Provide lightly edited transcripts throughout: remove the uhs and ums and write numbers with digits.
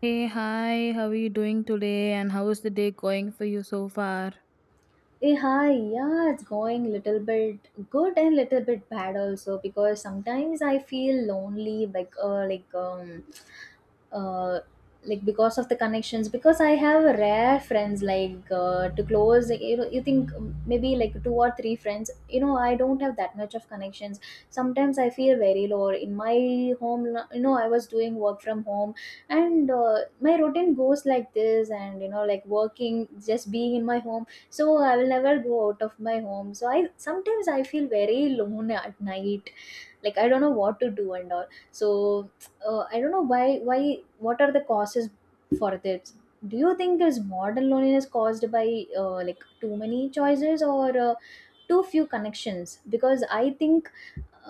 Hey, hi, how are you doing today? And how is the day going for you so far? Hi, yeah, it's going little bit good and little bit bad also because sometimes I feel lonely, uh, like because of the connections. Because I have rare friends, like to close, you know, you think maybe like two or three friends. You know, I don't have that much of connections. Sometimes I feel very low. In my home, you know, I was doing work from home, and my routine goes like this, and you know, like working, just being in my home, so I will never go out of my home, so I sometimes I feel very alone at night, like I don't know what to do and all. So I don't know why what are the causes for this. Do you think this modern loneliness caused by like too many choices or too few connections? Because I think,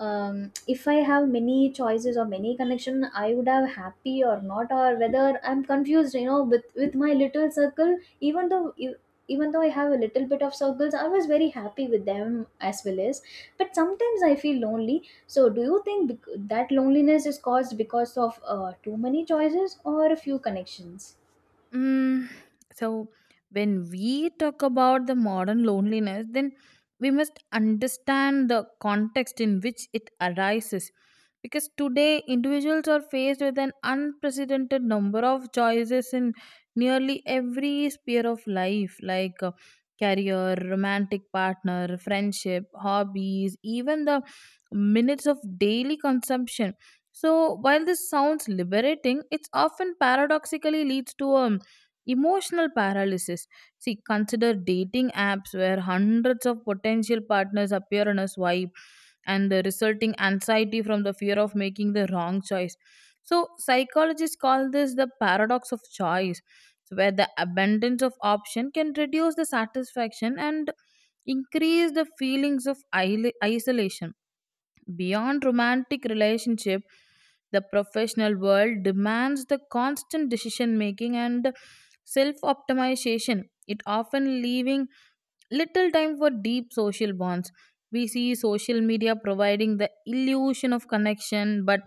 if I have many choices or many connection I would have happy or not, or whether I'm confused, you know, with my little circle. Even though even though I have a little bit of circles I was very happy with them as well, as but sometimes I feel lonely. So do you think that loneliness is caused because of too many choices or a few connections? Mm, so when we talk about the modern loneliness, then we must understand the context in which it arises. Because today individuals are faced with an unprecedented number of choices in nearly every sphere of life, like career, romantic partner, friendship, hobbies, even the minutes of daily consumption. So while this sounds liberating, it's often paradoxically leads to a emotional paralysis. See, consider dating apps where hundreds of potential partners appear on a swipe, and the resulting anxiety from the fear of making the wrong choice. So psychologists call this the paradox of choice, so where the abundance of option can reduce the satisfaction and increase the feelings of isolation. Beyond romantic relationship, the professional world demands the constant decision making and self optimization. It often leaving little time for deep social bonds. We see social media providing the illusion of connection, but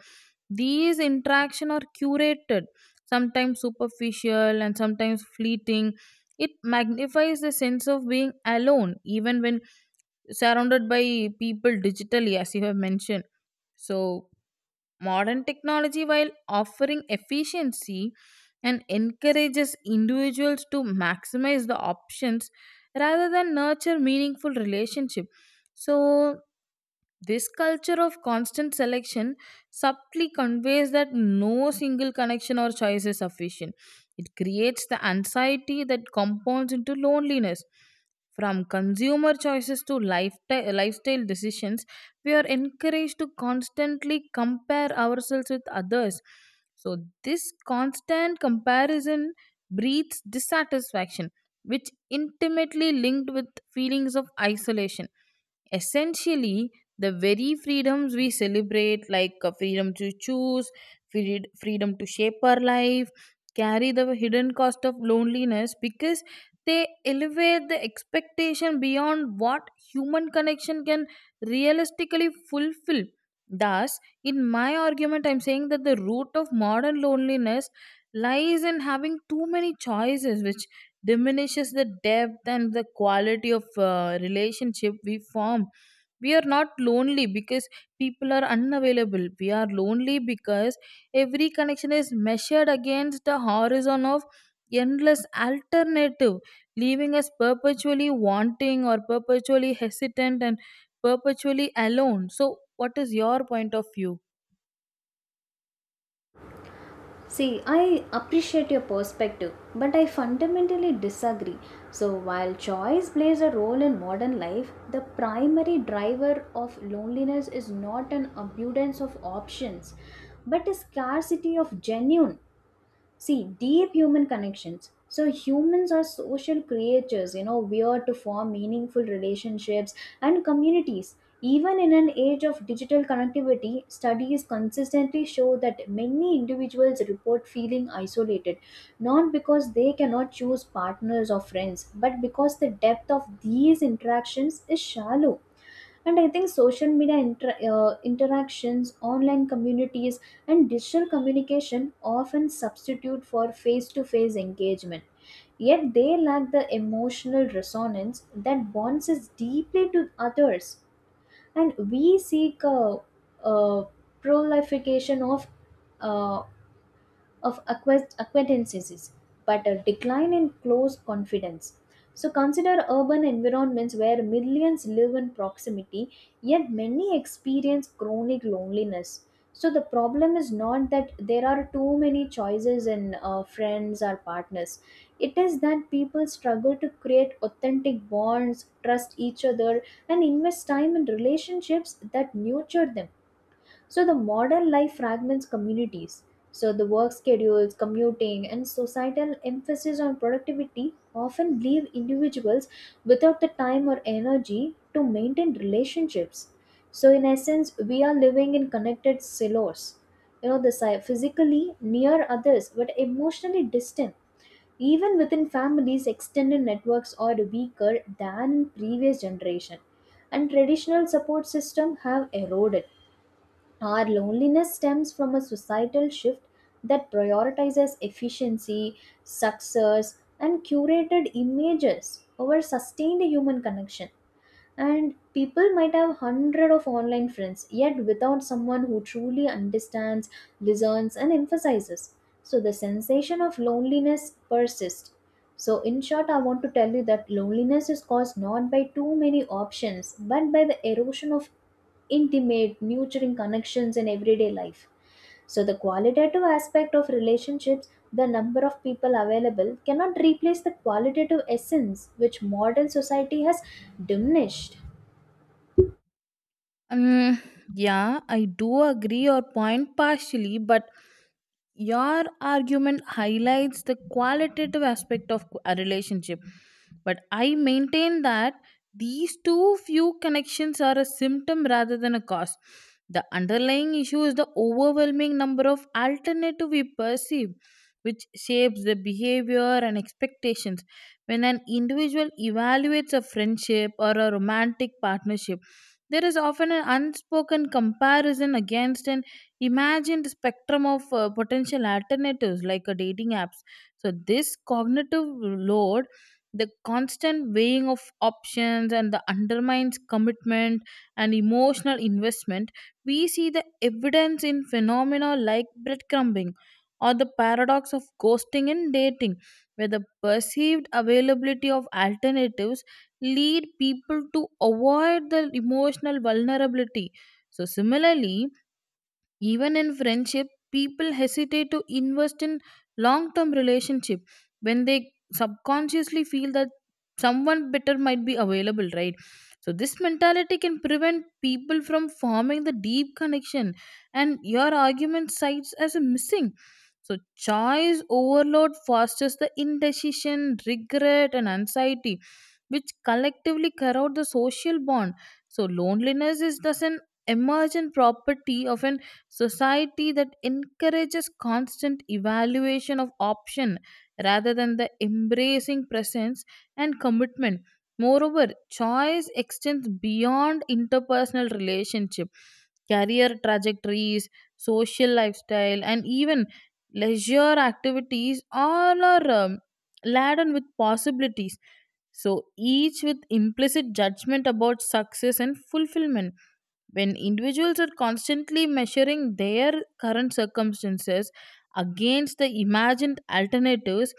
these interactions are curated, sometimes superficial and sometimes fleeting. It magnifies the sense of being alone, even when surrounded by people digitally, as you have mentioned. So modern technology, while offering efficiency and encourages individuals to maximize the options rather than nurture meaningful relationship, so this culture of constant selection subtly conveys that no single connection or choice is sufficient. It creates the anxiety that compounds into loneliness. From consumer choices to lifestyle decisions, we are encouraged to constantly compare ourselves with others. So this constant comparison breeds dissatisfaction, which intimately linked with feelings of isolation. Essentially, the very freedoms we celebrate, like freedom to choose, freedom to shape our life, carry the hidden cost of loneliness, because they elevate the expectation beyond what human connection can realistically fulfill. Thus, in my argument, I'm saying that the root of modern loneliness lies in having too many choices, which diminishes the depth and the quality of relationship we form. We are not lonely because people are unavailable. We are lonely because every connection is measured against the horizon of endless alternative, leaving us perpetually wanting or perpetually hesitant and perpetually alone. So what is your point of view? See, I appreciate your perspective, but I fundamentally disagree. So, while choice plays a role in modern life, the primary driver of loneliness is not an abundance of options, but a scarcity of genuine. See, deep human connections. So, humans are social creatures, you know, we are to form meaningful relationships and communities. Even in an age of digital connectivity, studies consistently show that many individuals report feeling isolated, not because they cannot choose partners or friends, but because the depth of these interactions is shallow. And I think social media interactions, online communities, and digital communication often substitute for face to face engagement, yet they lack the emotional resonance that bonds us deeply to others. And we seek a proliferation of uh, acquaintances, but a decline in close confidence. So consider urban environments where millions live in proximity, yet many experience chronic loneliness. So the problem is not that there are too many choices in friends or partners. It is that people struggle to create authentic bonds, trust each other, and invest time in relationships that nurture them. So the modern life fragments communities. So the work schedules, commuting, and societal emphasis on productivity often leave individuals without the time or energy to maintain relationships. So in essence, we are living in connected silos. You know, the physically near others but emotionally distant. Even within families extended networks are weaker than in previous generation and traditional support system have eroded. Our loneliness stems from a societal shift that prioritizes efficiency, success, and curated images over sustained human connection. And people might have hundred of online friends yet without someone who truly understands, listens, and emphasizes. So the sensation of loneliness persists. So in short, I want to tell you that loneliness is caused not by too many options, but by the erosion of intimate nurturing connections in everyday life. So, the qualitative aspect of relationships, the number of people available, cannot replace the qualitative essence which modern society has diminished. Um, yeah, I do agree your point partially, but your argument highlights the qualitative aspect of a relationship. But I maintain that these too few connections are a symptom rather than a cause. The underlying issue is the overwhelming number of alternative we perceive, which shapes the behavior and expectations. When an individual evaluates a friendship or a romantic partnership, there is often an unspoken comparison against an imagined spectrum of potential alternatives, like a dating apps. So this cognitive load, the constant weighing of options, and the undermines commitment and emotional investment. We see the evidence in phenomena like breadcrumbing or the paradox of ghosting in dating, where the perceived availability of alternatives lead people to avoid the emotional vulnerability. So similarly, even in friendship, people hesitate to invest in long term relationship when they subconsciously feel that someone better might be available, right? So this mentality can prevent people from forming the deep connection and your argument cites as a missing. So choice overload fosters the indecision, regret and anxiety, which collectively corrode the social bond. So loneliness is thus an emergent property of an society that encourages constant evaluation of option rather than the embracing presence and commitment. Moreover, choice extends beyond interpersonal relationship, career trajectories, social lifestyle, and even leisure activities, all are laden with possibilities. So each with implicit judgment about success and fulfillment. When individuals are constantly measuring their current circumstances against the imagined alternatives,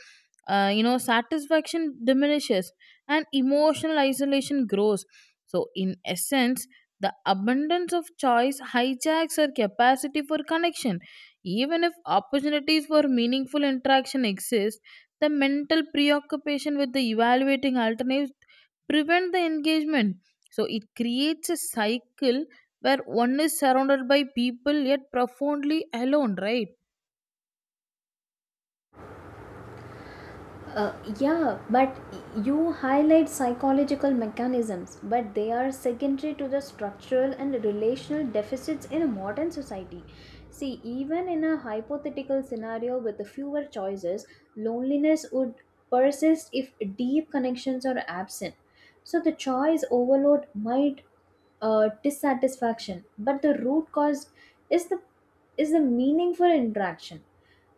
satisfaction diminishes and emotional isolation grows. So in essence, the abundance of choice hijacks our capacity for connection. Even if opportunities for meaningful interaction exist, the mental preoccupation with the evaluating alternatives prevent the engagement. So it creates a cycle where one is surrounded by people yet profoundly alone, right? Yeah, but you highlight psychological mechanisms, but they are secondary to the structural and relational deficits in a modern society. See, even in a hypothetical scenario with fewer choices, loneliness would persist if deep connections are absent. So, the choice overload might dissatisfaction, but the root cause is the is the meaningful interaction.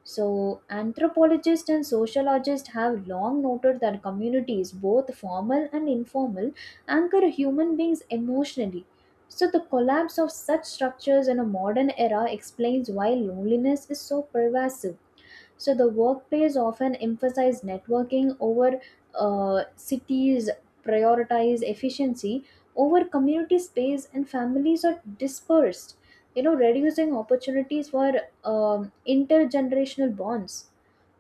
So, anthropologists and sociologists have long noted that communities, both formal and informal, anchor human beings emotionally. So, the collapse of such structures in a modern era explains why loneliness is so pervasive. So the workplace often emphasize networking over cities, prioritize efficiency over community space, and families are dispersed. You know, reducing opportunities for intergenerational bonds.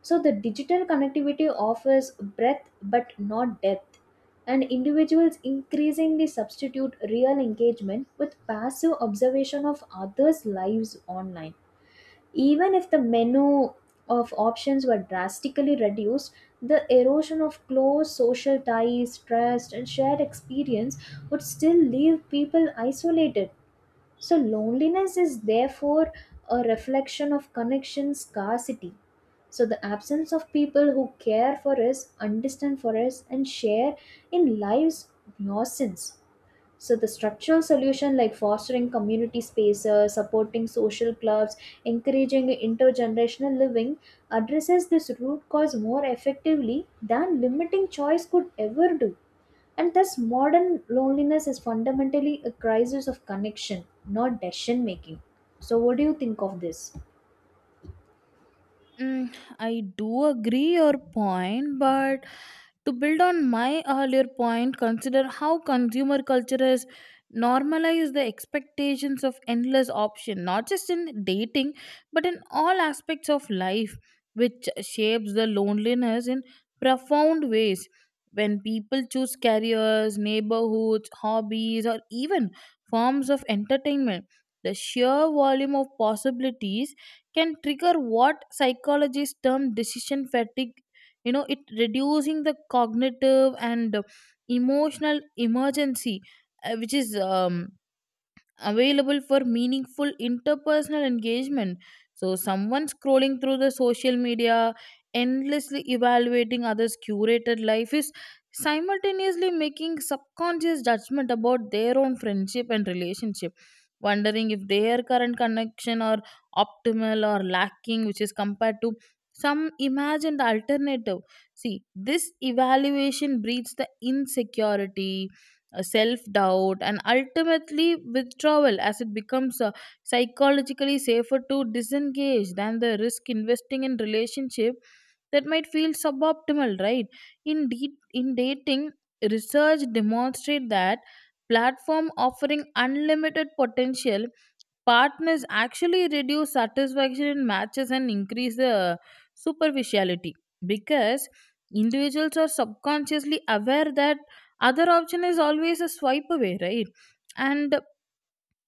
So the digital connectivity offers breadth but not depth, and individuals increasingly substitute real engagement with passive observation of others' lives online. Even if the menu of options were drastically reduced, the erosion of close social ties, trust, and shared experience would still leave people isolated. So, loneliness is therefore a reflection of connection scarcity. So, the absence of people who care for us, understand for us, and share in life's nuisance. So the structural solution like fostering community spaces, supporting social clubs, encouraging intergenerational living addresses this root cause more effectively than limiting choice could ever do. And thus modern loneliness is fundamentally a crisis of connection, not decision making. So what do you think of this? Mm, I do agree your point, but to build on my earlier point, consider how consumer culture has normalized the expectations of endless option, not just in dating, but in all aspects of life, which shapes the loneliness in profound ways. When people choose careers, neighborhoods, hobbies, or even forms of entertainment, the sheer volume of possibilities can trigger what psychologists term decision fatigue. You know, it reducing the cognitive and emotional emergency, which is available for meaningful interpersonal engagement. So someone scrolling through the social media, endlessly evaluating others' curated life, is simultaneously making subconscious judgment about their own friendship and relationship, wondering if their current connection are optimal or lacking, which is compared to some imagined alternative. See, this evaluation breeds the insecurity, self doubt, and ultimately withdrawal, as it becomes psychologically safer to disengage than the risk investing in relationship that might feel suboptimal, right? In dating, research demonstrate that platform offering unlimited potential partners actually reduce satisfaction in matches and increase the superficiality, because individuals are subconsciously aware that other option is always a swipe away, right? And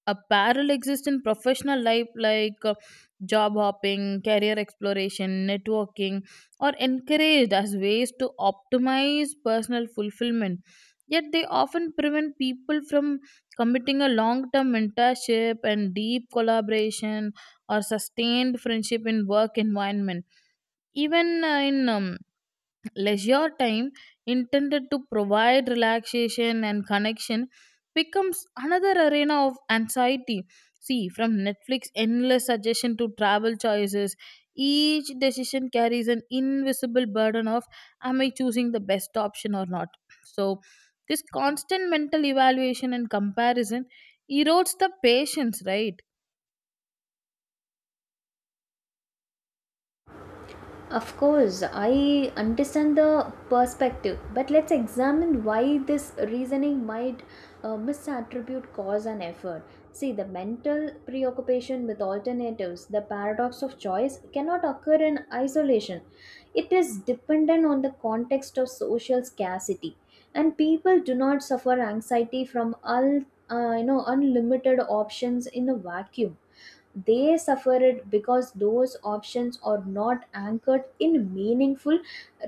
apparel exists in professional life, like job hopping, career exploration, networking, or encouraged as ways to optimize personal fulfillment, yet they often prevent people from committing a long-term mentorship and deep collaboration or sustained friendship in work environment. Even in leisure time intended to provide relaxation and connection becomes another arena of anxiety. See, from Netflix endless suggestion to travel choices, each decision carries an invisible burden of am I choosing the best option or not. So this constant mental evaluation and comparison erodes the patience, right? Of course, I understand the perspective, but let's examine why this reasoning might misattribute cause and effort. See, the mental preoccupation with alternatives, the paradox of choice, cannot occur in isolation. It is dependent on the context of social scarcity, and people do not suffer anxiety from all, you know, unlimited options in a vacuum. They suffer it because those options are not anchored in meaningful,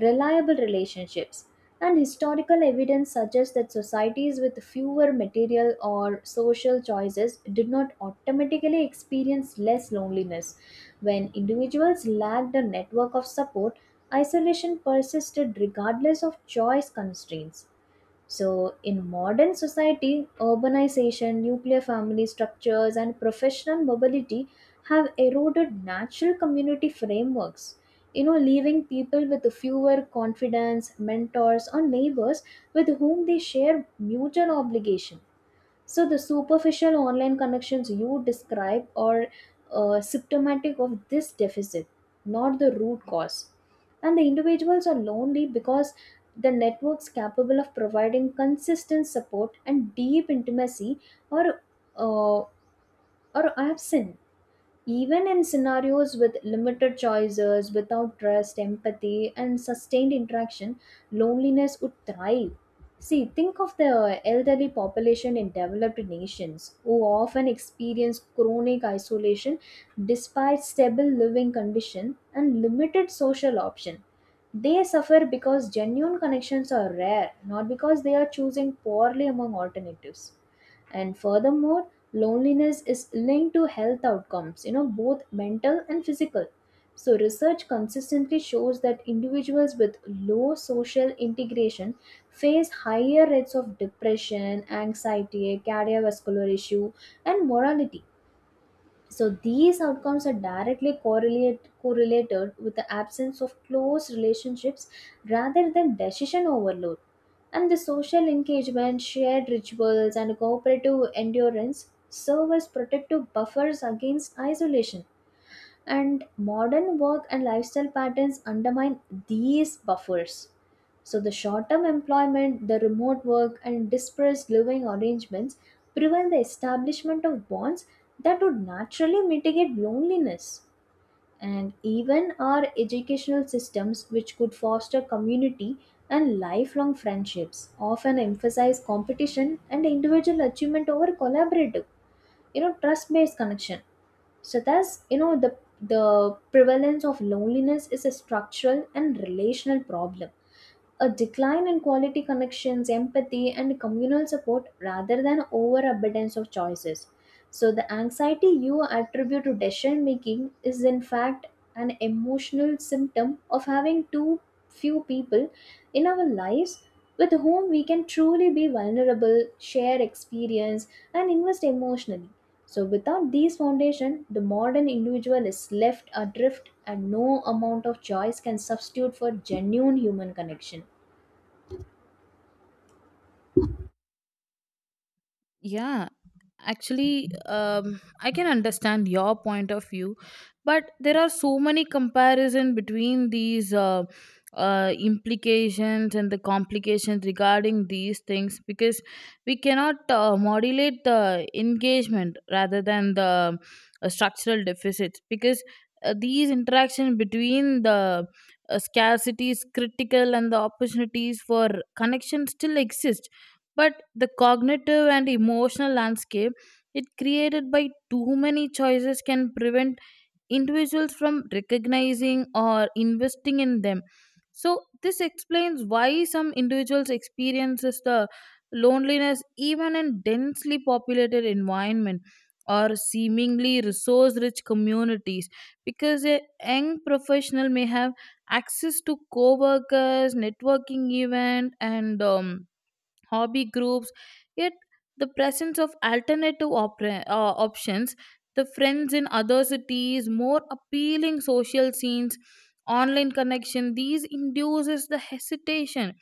reliable relationships. And historical evidence suggests that societies with fewer material or social choices did not automatically experience less loneliness. When individuals lacked a network of support, isolation persisted regardless of choice constraints. So, in modern society, urbanization, nuclear family structures, and professional mobility have eroded natural community frameworks. You know, leaving people with fewer confidants, mentors, or neighbors with whom they share mutual obligation. So the superficial online connections you describe are symptomatic of this deficit, not the root cause. And the individuals are lonely because the networks capable of providing consistent support and deep intimacy are uh, are absent. Even in scenarios with limited choices, without trust, empathy, and sustained interaction, loneliness would thrive. See, think of the elderly population in developed nations who often experience chronic isolation despite stable living condition and limited social option. They suffer because genuine connections are rare, not because they are choosing poorly among alternatives. And furthermore, loneliness is linked to health outcomes, you know, both mental and physical. So research consistently shows that individuals with low social integration face higher rates of depression, anxiety, cardiovascular issue, and mortality. So these outcomes are directly correlated with the absence of close relationships rather than decision overload. And the social engagement, shared rituals, and cooperative endurance serve as protective buffers against isolation, and modern work and lifestyle patterns undermine these buffers. So, the short term employment, the remote work, and dispersed living arrangements prevent the establishment of bonds that would naturally mitigate loneliness. And even our educational systems, which could foster community and lifelong friendships, often emphasize competition and individual achievement over collaborative, you know, trust based connection. So thus, you know, the prevalence of loneliness is a structural and relational problem, a decline in quality connections, empathy, and communal support rather than overabundance of choices. So, the anxiety you attribute to decision making is in fact an emotional symptom of having too few people in our lives with whom we can truly be vulnerable, share experience, and invest emotionally. So, without these foundation, the modern individual is left adrift, and no amount of choice can substitute for genuine human connection. Yeah, actually, I can understand your point of view, but there are so many comparison between these implications and the complications regarding these things, because we cannot modulate the engagement rather than the structural deficits, because these interaction between the scarcities critical and the opportunities for connection still exist, but the cognitive and emotional landscape it created by too many choices can prevent individuals from recognizing or investing in them. So this explains why some individuals experiences the loneliness even in densely populated environment or seemingly resource rich communities, because a young professional may have access to co-workers, networking event, and hobby groups, yet the presence of options, the friends in other cities, more appealing social scenes, online connection, these induces the hesitation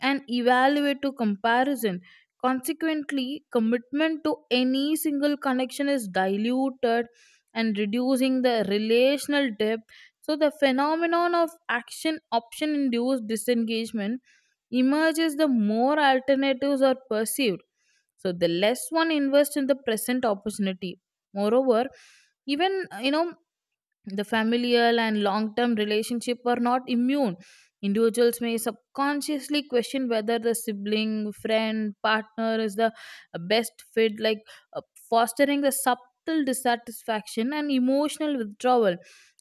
and evaluate to comparison. Consequently, commitment to any single connection is diluted and reducing the relational depth. So the phenomenon of action option induced disengagement emerges, the more alternatives are perceived. So the less one invests in the present opportunity. Moreover, even, you know, the familial and long term relationship are not immune. Individuals may subconsciously question whether the sibling, friend, partner is the best fit, like, uh, fostering the subtle dissatisfaction and emotional withdrawal.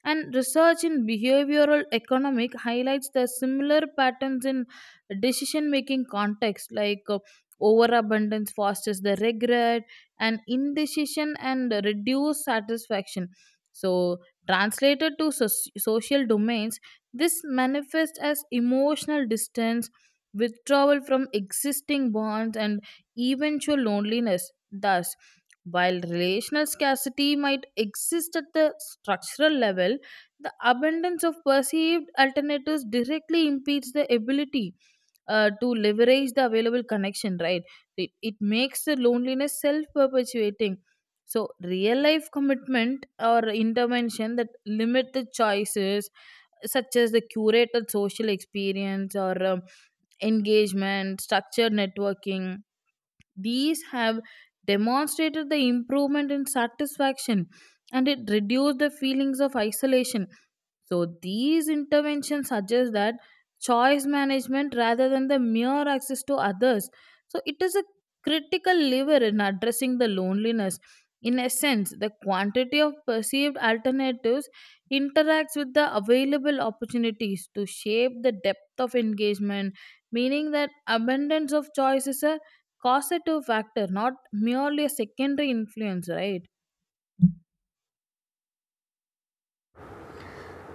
And research in behavioral economic highlights the similar patterns in decision making context, like overabundance fosters the regret and indecision and reduced satisfaction. So translated to social domains, this manifests as emotional distance, withdrawal from existing bonds, and eventual loneliness. Thus, while relational scarcity might exist at the structural level, the abundance of perceived alternatives directly impedes the ability to leverage the available connection, right? It makes the loneliness self perpetuating. So real life commitment or intervention that limited choices, such as the curated social experience or engagement, structured networking, these have demonstrated the improvement in satisfaction and it reduced the feelings of isolation. So these interventions suggest that choice management rather than the mere access to others. So it is a critical lever in addressing the loneliness. In essence, the quantity of perceived alternatives interacts with the available opportunities to shape the depth of engagement, meaning that abundance of choice is a causative factor, not merely a secondary influence, right?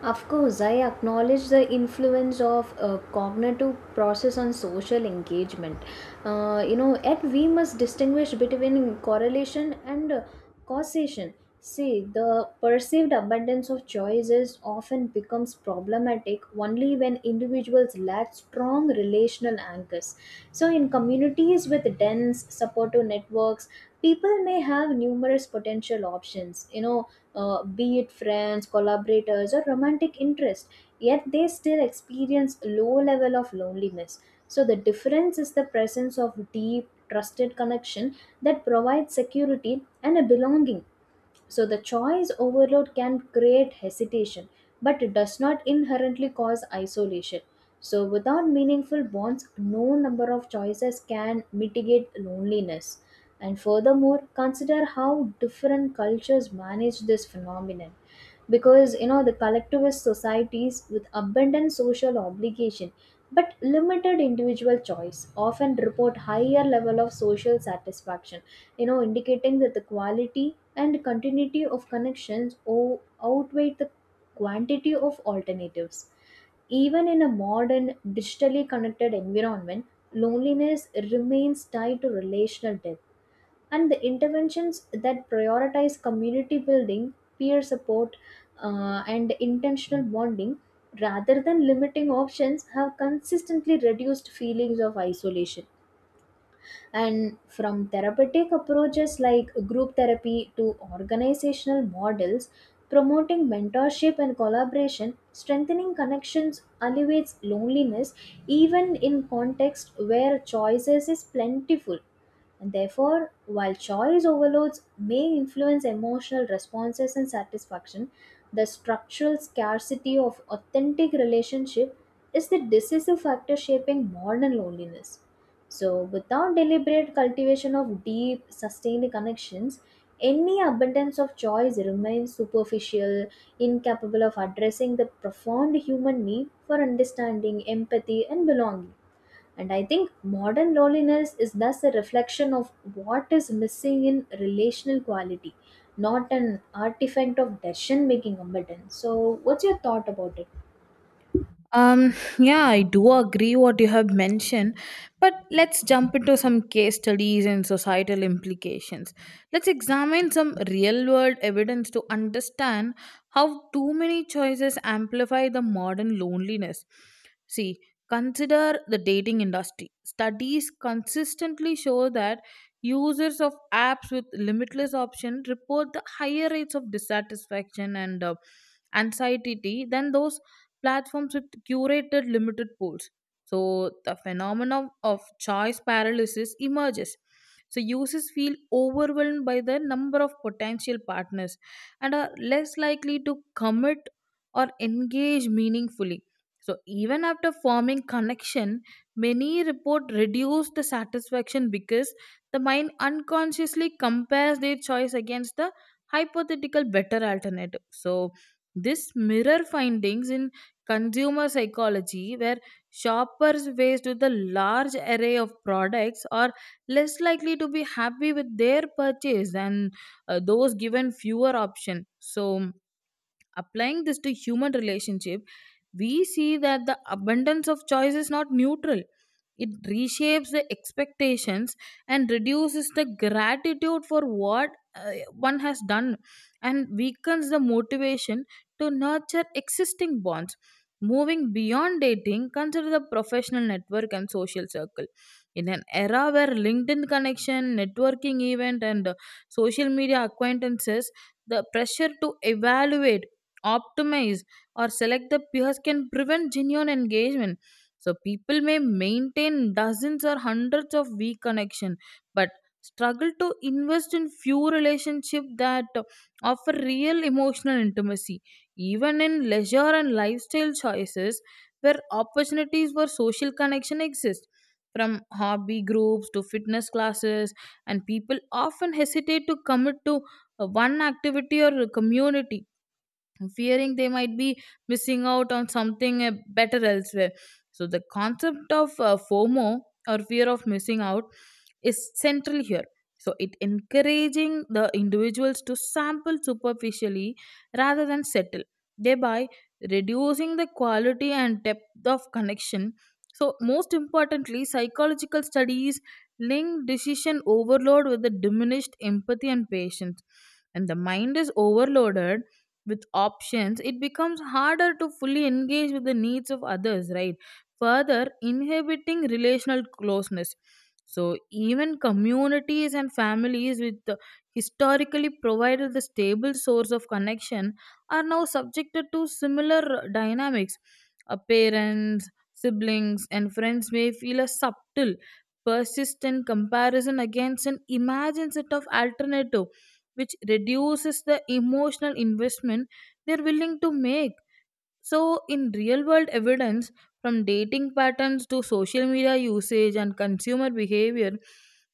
Of course, I acknowledge the influence of cognitive process on social engagement. You know, yet we must distinguish between correlation and causation. See, the perceived abundance of choices often becomes problematic only when individuals lack strong relational anchors. So, in communities with dense supportive networks, people may have numerous potential options. You know, be it friends, collaborators, or romantic interest, yet they still experience low level of loneliness. So the difference is the presence of deep, trusted connection that provides security and a belonging. So the choice overload can create hesitation, but it does not inherently cause isolation. So without meaningful bonds, no number of choices can mitigate loneliness. And furthermore, consider how different cultures manage this phenomenon, because you know the collectivist societies with abundant social obligation but limited individual choice often report higher level of social satisfaction, you know, indicating that the quality and continuity of connections outweigh the quantity of alternatives. Even in a modern digitally connected environment, loneliness remains tied to relational depth, and the interventions that prioritize community building, peer support, and intentional bonding rather than limiting options have consistently reduced feelings of isolation. And from therapeutic approaches like group therapy to organizational models, promoting mentorship and collaboration, strengthening connections alleviates loneliness even in context where choices is plentiful. Therefore, while choice overloads may influence emotional responses and satisfaction, the structural scarcity of authentic relationship is the decisive factor shaping modern loneliness. So, without deliberate cultivation of deep, sustained connections, any abundance of choice remains superficial, incapable of addressing the profound human need for understanding, empathy, and belonging. And I think modern loneliness is thus a reflection of what is missing in relational quality, not an artifact of decision making abundance. So, what's your thought about it? Yeah, I do agree what you have mentioned, but let's jump into some case studies and societal implications. Let's examine some real world evidence to understand how too many choices amplify the modern loneliness. See, consider the dating industry. Studies consistently show that users of apps with limitless options report the higher rates of dissatisfaction and anxiety than those platforms with curated limited pools. So the phenomenon of choice paralysis emerges. So users feel overwhelmed by the number of potential partners and are less likely to commit or engage meaningfully. So even after forming connection, many report reduce the satisfaction because the mind unconsciously compares their choice against the hypothetical better alternative. So this mirror findings in consumer psychology, where shoppers faced with a large array of products are less likely to be happy with their purchase than those given fewer options. So applying this to human relationship, we see that the abundance of choice is not neutral. It reshapes the expectations and reduces the gratitude for what one has done, and weakens the motivation to nurture existing bonds. Moving beyond dating, consider the professional network and social circle. In an era where LinkedIn connection, networking event, and social media acquaintances, the pressure to evaluate, optimize, or select the peers can prevent genuine engagement. So people may maintain dozens or hundreds of weak connection but struggle to invest in few relationship that offer real emotional intimacy. Even in leisure and lifestyle choices where opportunities for social connection exist, from hobby groups to fitness classes, and people often hesitate to commit to one activity or a community, fearing they might be missing out on something better elsewhere. So the concept of FOMO, or fear of missing out, is central here. So it encouraging the individuals to sample superficially rather than settle, thereby reducing the quality and depth of connection. So most importantly, psychological studies link decision overload with the diminished empathy and patience. And the mind is overloaded with options, it becomes harder to fully engage with the needs of others, right? Further, inhibiting relational closeness. So even communities and families with historically provided the stable source of connection are now subjected to similar dynamics. Parents, siblings, and friends may feel a subtle, persistent comparison against an imagined set of alternative, which reduces the emotional investment they're willing to make. So in real world evidence, from dating patterns to social media usage and consumer behavior,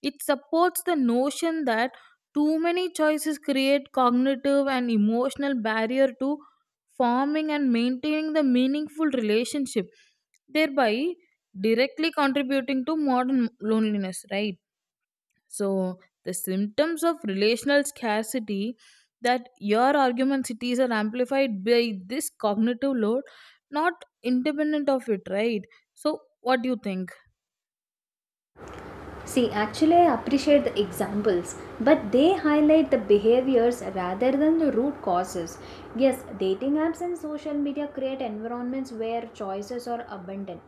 it supports the notion that too many choices create cognitive and emotional barrier to forming and maintaining the meaningful relationship, thereby directly contributing to modern loneliness, right? So the symptoms of relational scarcity that your argumentations are amplified by this cognitive load, not independent of it, right? So what do you think? See, actually, I appreciate the examples, but they highlight the behaviors rather than the root causes. Yes, dating apps and social media create environments where choices are abundant.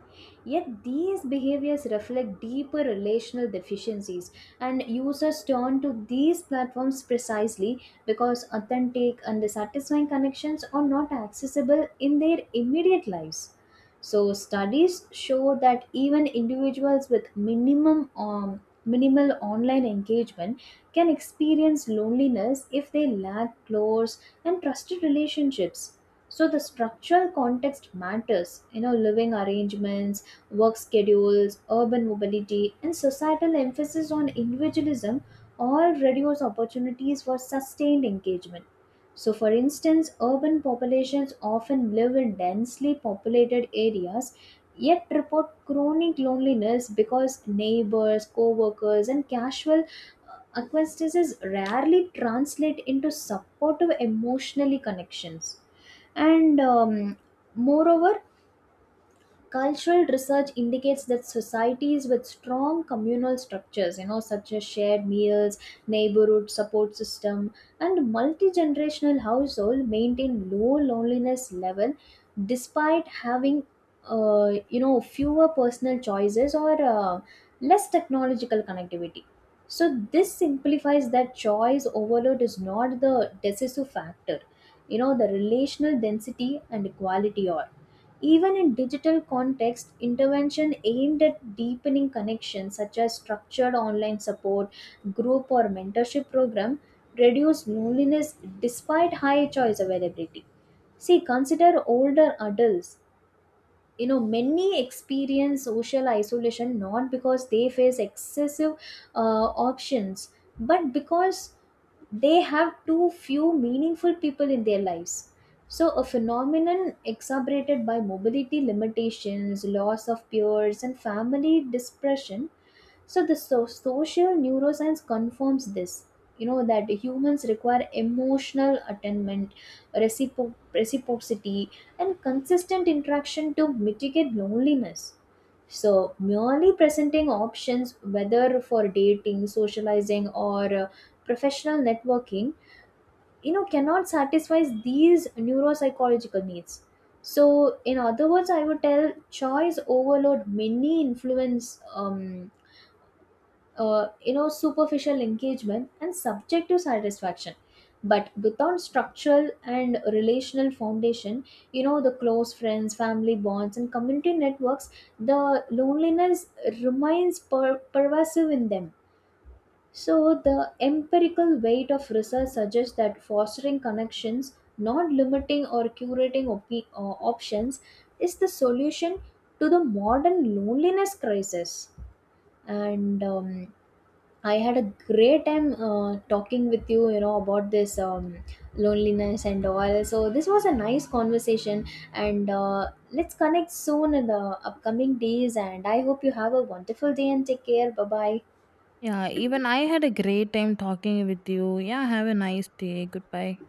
Yet, these behaviors reflect deeper relational deficiencies, and users turn to these platforms precisely because authentic and satisfying connections are not accessible in their immediate lives. So studies show that even individuals with minimum minimal online engagement can experience loneliness if they lack close and trusted relationships. So the structural context matters, you know, living arrangements, work schedules, urban mobility, and societal emphasis on individualism all reduce opportunities for sustained engagement. So, for instance, urban populations often live in densely populated areas yet report chronic loneliness because neighbors, co workers, and casual acquaintances rarely translate into supportive emotionally connections. And moreover, cultural research indicates that societies with strong communal structures, you know, such as shared meals, neighborhood support system, and multi-generational household maintain low loneliness level despite having, you know, fewer personal choices or less technological connectivity. So this simplifies that choice overload is not the decisive factor. You know, the relational density and equality are. Even in digital context, intervention aimed at deepening connections such as structured online support, group or mentorship program reduce loneliness despite high choice availability. See, consider older adults, you know, many experience social isolation not because they face excessive options, but because they have too few meaningful people in their lives. So a phenomenon exacerbated by mobility limitations, loss of peers, and family dispersion. So the social neuroscience confirms this. You know that humans require emotional attainment, reciprocity, and consistent interaction to mitigate loneliness. So merely presenting options, whether for dating, socializing, or professional networking, you know, cannot satisfy these neuropsychological needs. So, in other words, I would tell choice overload many influence um, you know superficial engagement and subjective satisfaction, but without structural and relational foundation, you know, the close friends, family bonds, and community networks, the loneliness remains pervasive in them. So the empirical weight of research suggests that fostering connections, not limiting or curating options, is the solution to the modern loneliness crisis. And I had a great time talking with you, you know, about this loneliness and all. So this was a nice conversation, and let's connect soon in the upcoming days. And I hope you have a wonderful day and take care. Bye bye. Yeah, even I had a great time talking with you. Yeah, have a nice day. Goodbye.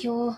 Yo.